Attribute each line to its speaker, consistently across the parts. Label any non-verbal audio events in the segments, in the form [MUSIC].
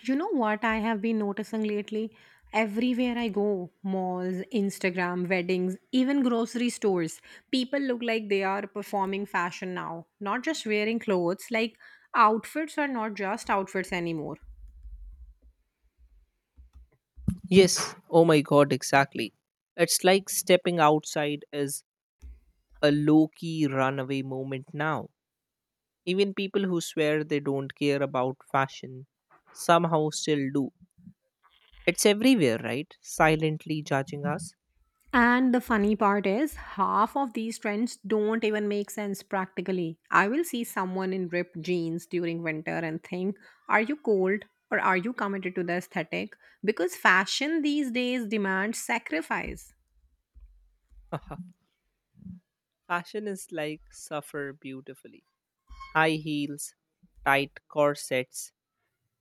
Speaker 1: You know what I have been noticing lately? Everywhere I go, malls, Instagram, weddings, even grocery stores, people look like they are performing fashion now. Not just wearing clothes, like outfits are not just outfits anymore.
Speaker 2: Yes, oh my god, exactly. It's like stepping outside is a low key runaway moment now. Even people who swear they don't care about fashion somehow still do. It's everywhere, right? Silently judging us.
Speaker 1: And the funny part is, half of these trends don't even make sense practically. I will see someone in ripped jeans during winter and think, are you cold or are you committed to the aesthetic? Because fashion these days demands sacrifice.
Speaker 2: [LAUGHS] Fashion is like suffer beautifully. High heels, tight corsets,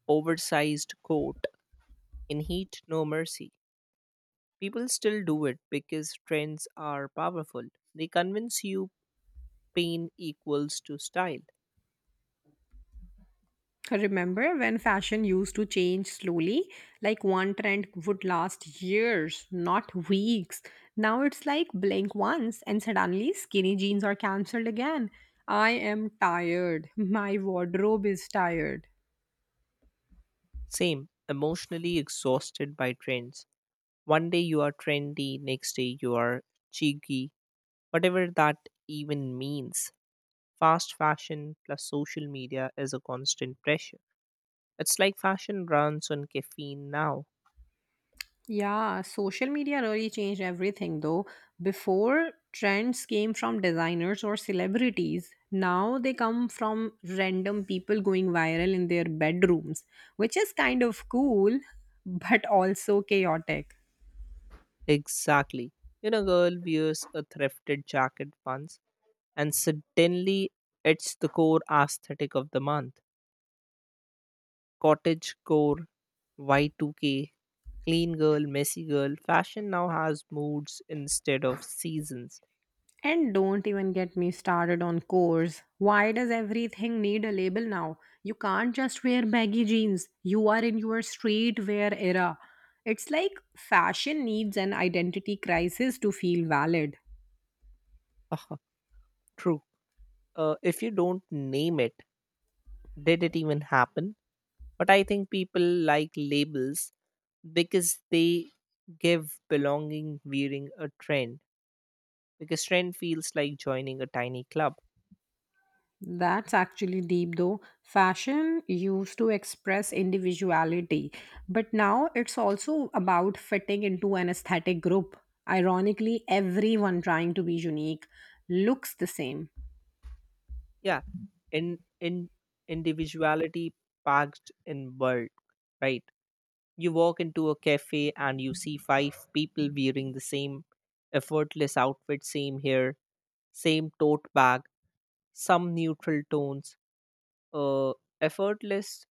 Speaker 2: oversized coat, in heat no mercy. People still do it because trends are powerful. They convince you pain equals to style.
Speaker 1: Remember when fashion used to change slowly? Like one trend would last years, not weeks. Now it's like blink once and suddenly skinny jeans are cancelled again. I am tired. [LAUGHS] My wardrobe is tired.
Speaker 2: Same, emotionally exhausted by trends. One day you are trendy, next day you are cheeky, whatever that even means. Fast fashion plus social media is a constant pressure. It's like fashion runs on caffeine now.
Speaker 1: Yeah, social media really changed everything though. Before, trends came from designers or celebrities. Now they come from random people going viral in their bedrooms, which is kind of cool, [LAUGHS] but also chaotic.
Speaker 2: Exactly. You know, girl wears a thrifted jacket once, and suddenly it's the core aesthetic of the month. Cottage core, Y2K, clean girl, messy girl. Fashion now has moods instead of seasons.
Speaker 1: And don't even get me started on cores. Why does everything need a label now? You can't just wear baggy jeans. You are in your streetwear era. It's like fashion needs an identity crisis to feel valid.
Speaker 2: [LAUGHS] True. If you don't name it, did it even happen? But I think people like labels because they give belonging wearing a trend because trend feels like joining a tiny club.
Speaker 1: That's actually deep though. Fashion used to express individuality, but now it's also about fitting into an aesthetic group. Ironically, everyone trying to be unique looks the same.
Speaker 2: Yeah, in individuality packed in world, right? You walk into a cafe and you see five people wearing the same effortless outfit, same hair, same tote bag, some neutral tones, uh, effortless,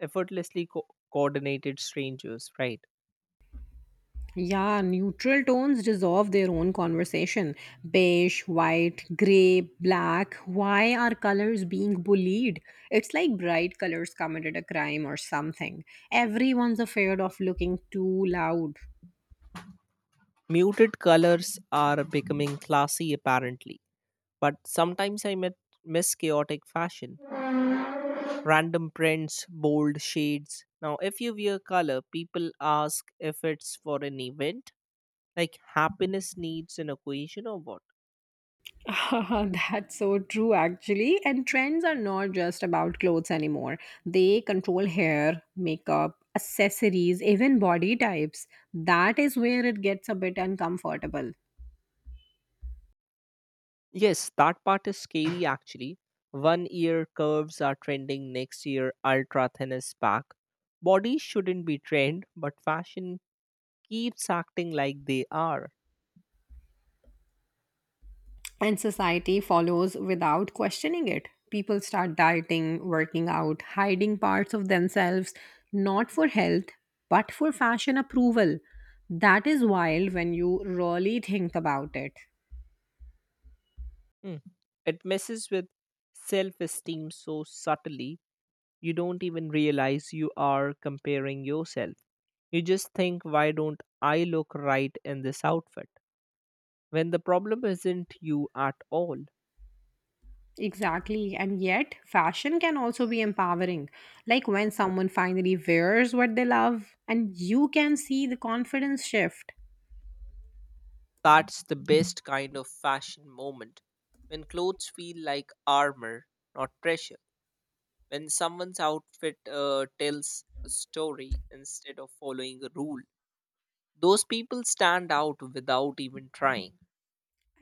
Speaker 2: effortlessly coordinated strangers, right?
Speaker 1: Yeah, neutral tones deserve their own conversation. Beige, white, grey, black. Why are colors being bullied? It's like bright colors committed a crime or something. Everyone's afraid of looking too loud.
Speaker 2: Muted colors are becoming classy apparently, but sometimes miss chaotic fashion, random prints, bold shades. Now, if you wear color, people ask if it's for an event, like happiness needs an occasion or what.
Speaker 1: [LAUGHS] That's so true, actually. And trends are not just about clothes anymore. They control hair, makeup, accessories, even body types. That is where it gets a bit uncomfortable.
Speaker 2: Yes, that part is scary actually. One year curves are trending, next year ultra thin is back. Bodies shouldn't be trend, but fashion keeps acting like they are.
Speaker 1: And society follows without questioning it. People start dieting, working out, hiding parts of themselves, not for health, but for fashion approval. That is wild when you really think about it.
Speaker 2: Mm. It messes with self esteem so subtly, you don't even realize you are comparing yourself. You just think, why don't I look right in this outfit? When the problem isn't you at all.
Speaker 1: Exactly. And yet, fashion can also be empowering. Like when someone finally wears what they love, and you can see the confidence shift.
Speaker 2: That's the best kind of fashion moment. When clothes feel like armor, not pressure. When someone's outfit tells a story instead of following a rule. Those people stand out without even trying.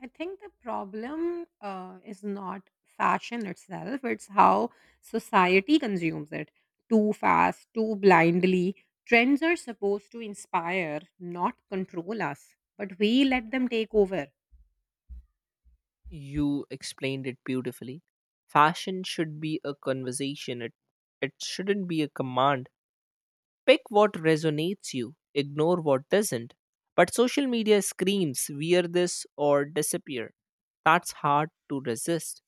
Speaker 1: I think the problem is not fashion itself, it's how society consumes it too fast, too blindly. Trends are supposed to inspire, not control us, but we let them take over.
Speaker 2: You explained it beautifully. Fashion should be a conversation, it shouldn't be a command. Pick what resonates you, ignore what doesn't. But social media screams, wear this or disappear. That's hard to resist,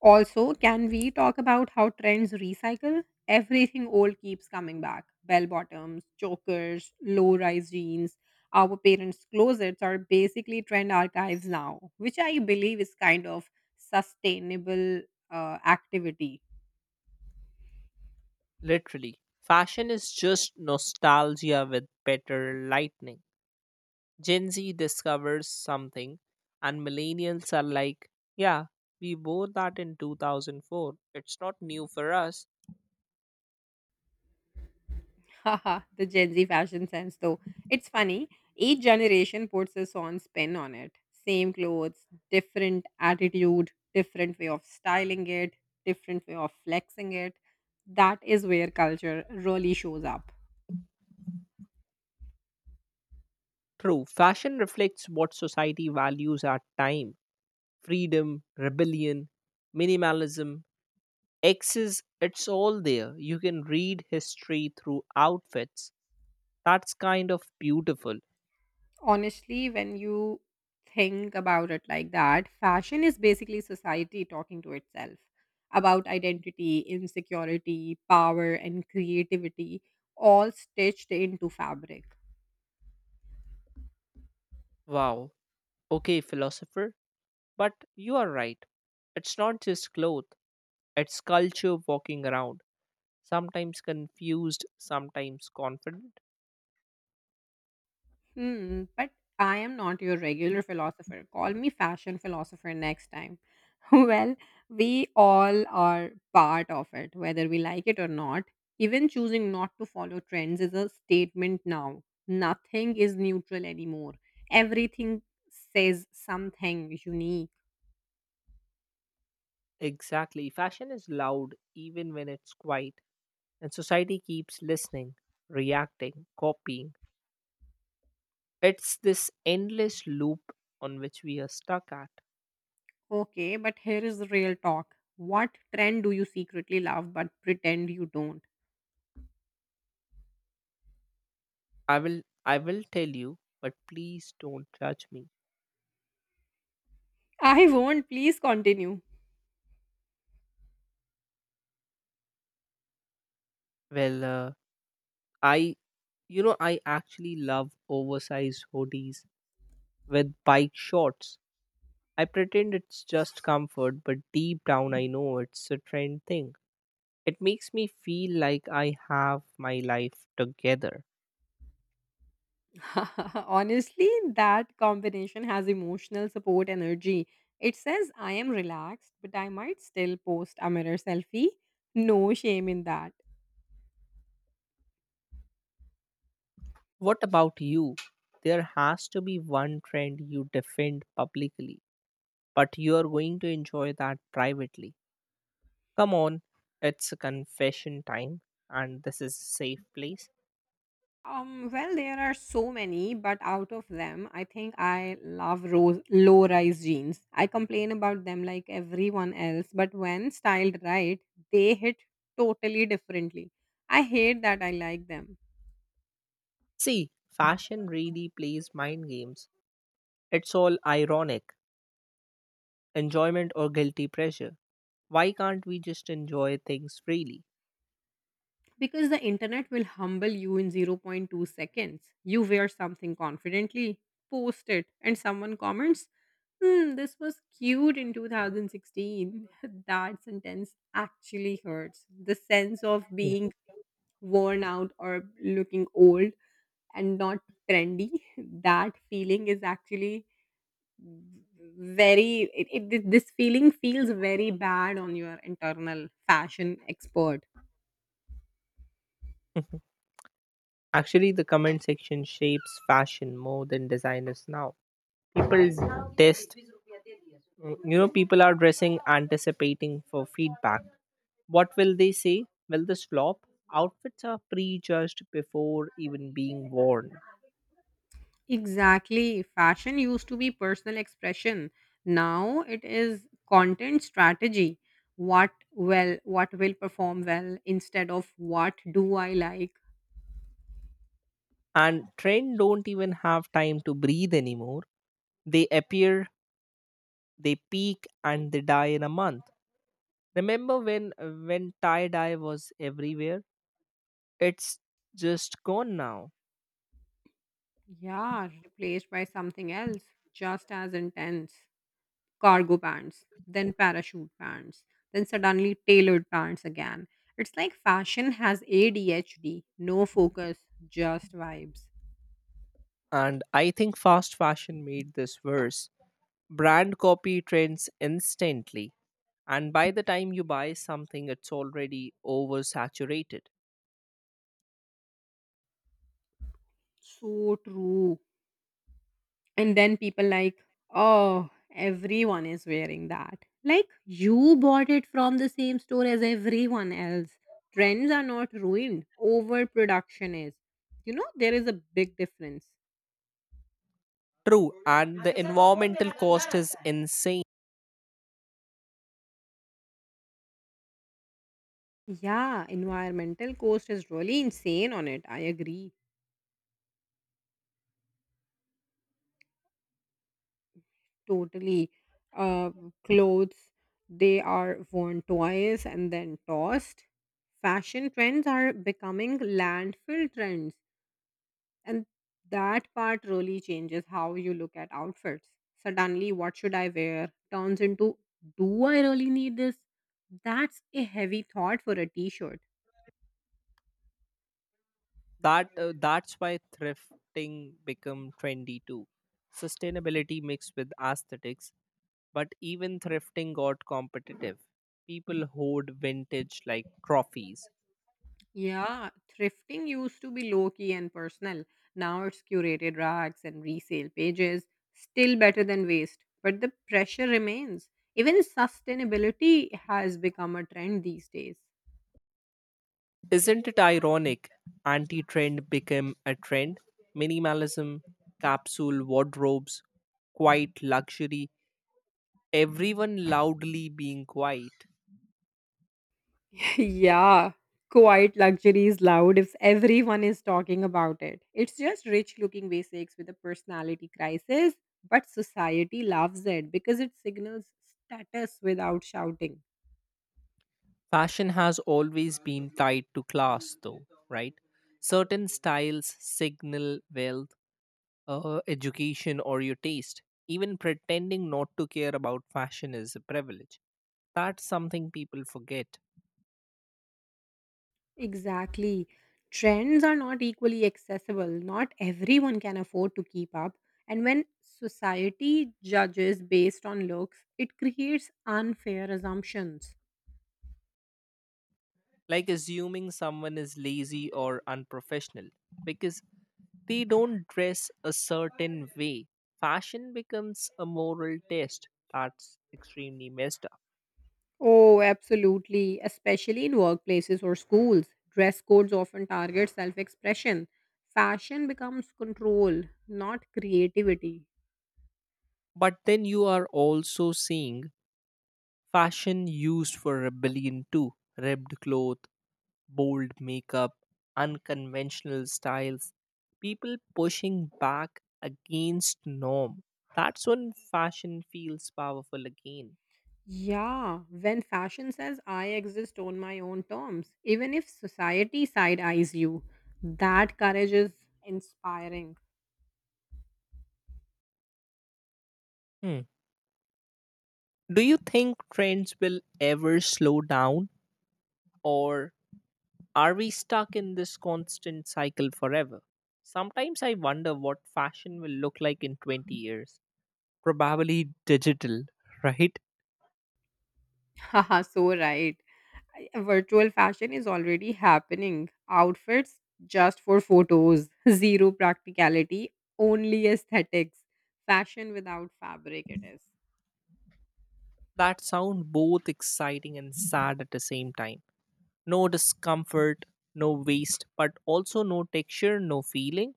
Speaker 1: Also, can we talk about how trends recycle? Everything old keeps coming back. Bell bottoms, chokers, low rise jeans. Our parents' closets are basically trend archives now, which I believe is kind of sustainable activity.
Speaker 2: literally. Fashion is just nostalgia with better lightning. Gen Z discovers something, and millennials are like, yeah, we wore that in 2004. It's not new for us.
Speaker 1: [LAUGHS] Haha, the Gen Z fashion sense, though. It's funny. Each generation puts its own spin on it. Same clothes, different attitude, different way of styling it, different way of flexing it. That is where culture really shows up.
Speaker 2: True, fashion reflects what society values at time freedom, rebellion, minimalism, X's, it's all there. You can read history through outfits. That's kind of beautiful.
Speaker 1: Honestly, when you think about it like that, fashion is basically society talking to itself about identity, insecurity, power, and creativity, all stitched into fabric.
Speaker 2: Wow. Okay, philosopher, but you are right. It's not just clothes, it's culture walking around. Sometimes confused, sometimes confident.
Speaker 1: But I am not your regular philosopher. Call me fashion philosopher next time. [LAUGHS] Well, we all are part of it, whether we like it or not. Even choosing not to follow trends is a statement now. Nothing is neutral anymore. Everything says something unique.
Speaker 2: Exactly. Fashion is loud even when it's quiet, and society keeps listening, reacting, copying. It's this endless loop on which we are stuck at.
Speaker 1: Okay, but here is the real talk. What trend do you secretly love but pretend you don't?
Speaker 2: I will tell you, but please don't judge me.
Speaker 1: I won't. Please continue.
Speaker 2: Well, I, you know, I actually love oversized hoodies with bike shorts. I pretend it's just comfort, but deep down I know it's a trend thing. It makes me feel like I have my life together.
Speaker 1: [LAUGHS] Honestly, that combination has emotional support energy. It says, I am relaxed, but I might still post a mirror selfie. No shame in that.
Speaker 2: What about you? There has to be one trend you defend publicly, but you are going to enjoy that privately. Come on, it's confession time, and this is a safe place.
Speaker 1: Well, there are so many, but out of them, I think I love low rise jeans. I complain about them like everyone else, but when styled right, they hit totally differently. I hate that I like them.
Speaker 2: See, fashion really plays mind games. It's all ironic, enjoyment or guilty pleasure. Why can't we just enjoy things freely?
Speaker 1: Because the internet will humble you in zero point 0.2 seconds. You wear something confidently, post it, and someone comments, hmm, this was cute in 2016. [LAUGHS] That sentence actually hurts. The sense of being worn out or looking old and not trendy, [LAUGHS] that feeling is actually this feeling feels very bad on your internal fashion expert.
Speaker 2: Hmm. [LAUGHS] Actually, the comment section shapes fashion more than designers now. People test, you know, people are dressing anticipating for feedback. What will they say? Will this flop? Outfits are prejudged before even being worn.
Speaker 1: Exactly. Fashion used to be personal expression. Now it is content strategy. What will perform well instead of what do I like?
Speaker 2: And trend don't even have time to breathe anymore. They appear, they peak, and they die in a month. Remember when tie dye was everywhere? It's just gone now.
Speaker 1: Yeah, replaced by something else just as intense. Cargo pants, then parachute pants, then suddenly tailored pants again. It's like fashion has ADHD, no focus, just vibes.
Speaker 2: And I think fast fashion made this worse. Brand copy trends instantly, and by the time you buy something, it's already oversaturated.
Speaker 1: So true. And then people like, oh, everyone is wearing that. Like you bought it from the same store as everyone else. Trends are not ruined. Overproduction is. You know, there is a big difference.
Speaker 2: True, and the environmental cost is insane.
Speaker 1: Yeah, environmental cost is really insane on it. I agree totally. Uh, clothes, they are worn twice and then tossed. Fashion trends are becoming landfill trends. And that part really changes how you look at outfits. Suddenly, what should I wear turns into, do I really need this? That's a heavy thought for a t shirt.
Speaker 2: That's why thrifting become trendy too. Sustainability mixed with aesthetics, but even thrifting got competitive. People hoard vintage like trophies.
Speaker 1: Yeah, thrifting used to be low key and personal. Now it's curated racks and resale pages. Still better than waste, but the pressure remains. Even sustainability has become a trend these days.
Speaker 2: Isn't it ironic? Anti trend became a trend. Minimalism, capsule wardrobes, quiet luxury, everyone loudly being quiet.
Speaker 1: [LAUGHS] Yeah, quiet luxury is loud if everyone is talking about it. It's just rich looking basics with a personality crisis, but society loves it because it signals status without shouting.
Speaker 2: Fashion has always been tied to class, though, right? Certain styles signal wealth, education, or your taste. Even pretending not to care about fashion is a privilege. That's something people forget,
Speaker 1: Exactly. Trends are not equally accessible. Not everyone can afford to keep up. And when society judges based on looks, it creates unfair assumptions.
Speaker 2: like assuming someone is lazy or unprofessional because they don't dress a certain way. Fashion becomes a moral test. That's extremely messed up.
Speaker 1: Oh, absolutely, especially in workplaces or schools. Dress codes often target self-expression. Fashion becomes control, not creativity.
Speaker 2: But then you are also seeing fashion used for rebellion too. Ribbed clothes, bold makeup, unconventional styles, people pushing back against norm. That's when fashion feels powerful again.
Speaker 1: Yeah, when fashion says I exist on my own terms, even if society side eyes you, that courage is inspiring.
Speaker 2: Hmm. Do you think trends will ever slow down, or are we stuck in this constant cycle forever? Sometimes I wonder what fashion will look like in 20 years. Probably digital, right?
Speaker 1: [LAUGHS] Haha, so right. Virtual fashion is already happening. Outfits just for photos, [LAUGHS] zero practicality, only aesthetics. Fashion without fabric, it is.
Speaker 2: That sound both exciting and sad at the same time. No discomfort, no waste, but also no texture, no feeling.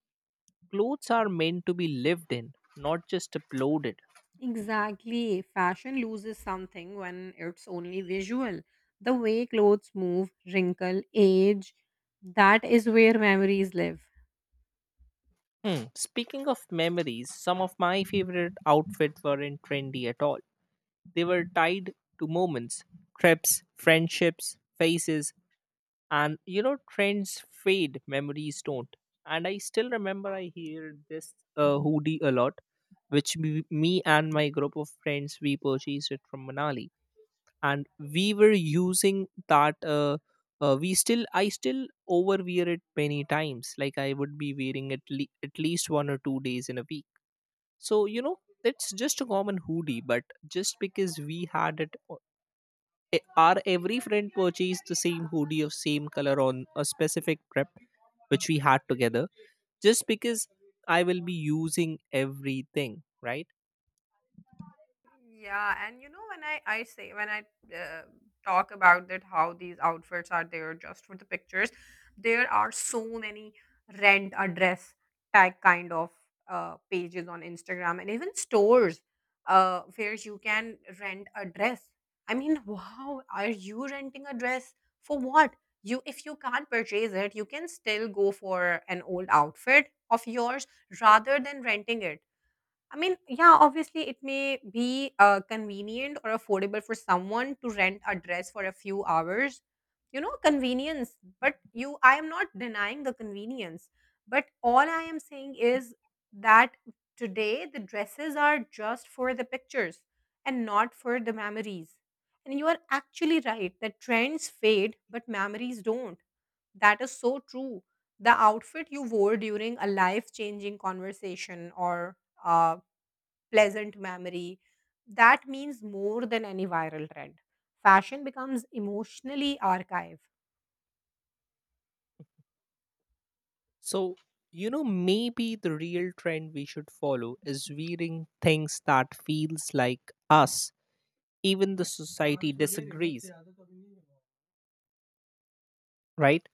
Speaker 2: Clothes are meant to be lived in, not just uploaded.
Speaker 1: Exactly. Fashion loses something when it's only visual. The way clothes move, wrinkle, age, that is where memories live.
Speaker 2: Hmm. Speaking of memories, some of my favorite outfits weren't trendy at all. They were tied to moments, trips, friendships, faces, and you know, trends fade, memories don't. And I still remember I hear this hoodie a lot, which me and my group of friends we purchased it from Manali, and we were using that. We still, I still overwear it many times. Like I would be wearing it at least one or two days in a week. So you know, it's just a common hoodie, but just because we had it I- our every friend purchased the same hoodie of same color on a specific trip which we had together just because I will be using everything, right?
Speaker 1: Yeah, and you know when I uh, talk about that how these outfits are there just for the pictures, there are so many rent a dress tag kind of pages on Instagram and even stores where you can rent a dress. I mean, wow, are you renting a dress for what? You if you can't purchase it, you can still go for an old outfit of yours rather than renting it. I mean, yeah, obviously it may be convenient or affordable for someone to rent a dress for a few hours. You know, convenience. But you, I am not denying the convenience. But all I am saying is that today the dresses are just for the pictures and not for the memories. And you are actually right that trends fade, but memories don't. That is so true. The outfit you wore during a life changing conversation or uh, pleasant memory. That means more than any viral trend. Fashion becomes emotionally archived.
Speaker 2: So, you know, maybe the real trend we should follow is wearing things that feels like us, even the society disagrees, right?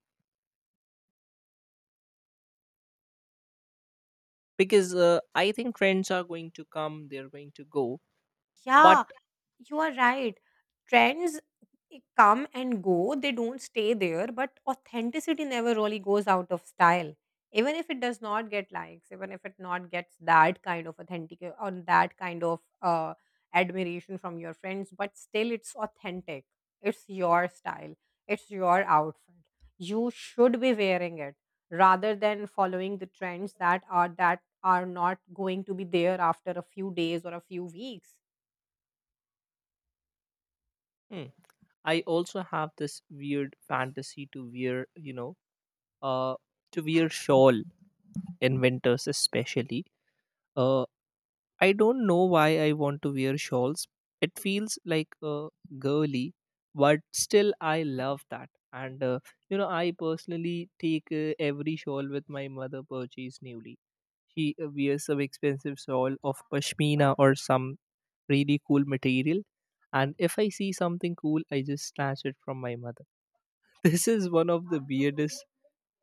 Speaker 2: Because I think trends are going to come, they're going to go, but
Speaker 1: Yeah, you are right. Trends come and go, they don't stay there, but authenticity never really goes out of style. Even if it does not get likes, even if it not gets that kind of authentic or that kind of admiration from your friends, but still it's authentic. It's your style. It's your outfit. You should be wearing it rather than following the trends that are not going to be there after a few days or a few weeks.
Speaker 2: hmm, I also have this weird fantasy to wear, you know, uh, to wear shawl in winters especially. uh, I don't know why I want to wear shawls. It feels like girly, but still I love that. And you know, I personally take every shawl with my mother purchased newly. She wears some expensive shawl of pashmina or some really cool material, and if I see something cool I just snatch it from my mother. [LAUGHS] This is one of the weirdest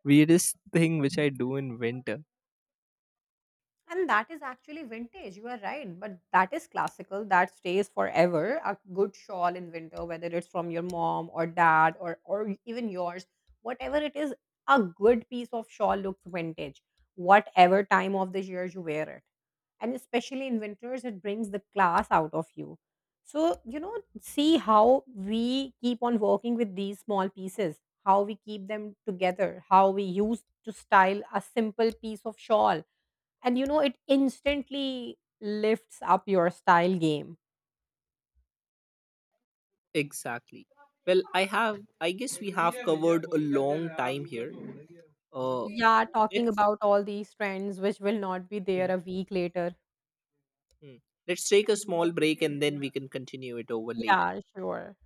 Speaker 2: weirdest thing which I do in winter.
Speaker 1: And that is actually vintage, you are right. But that is classical, that stays forever. A good shawl in winter, whether it's from your mom or dad or even yours, whatever it is, a good piece of shawl looks vintage, whatever time of the year you wear it. And especially in winters, it brings the class out of you. So, you know, see how we keep on working with these small pieces, how we keep them together, how we use to style a simple piece of shawl and you know it instantly lifts up your style game.
Speaker 2: Exactly. Well, I have. I guess we have covered a long time here. Uh,
Speaker 1: Yeah, talking
Speaker 2: let's
Speaker 1: about all these trends which will not be there
Speaker 2: hmm,
Speaker 1: a week later.
Speaker 2: hmm. let's take a small break and then we can continue it over later.
Speaker 1: Yeah, sure.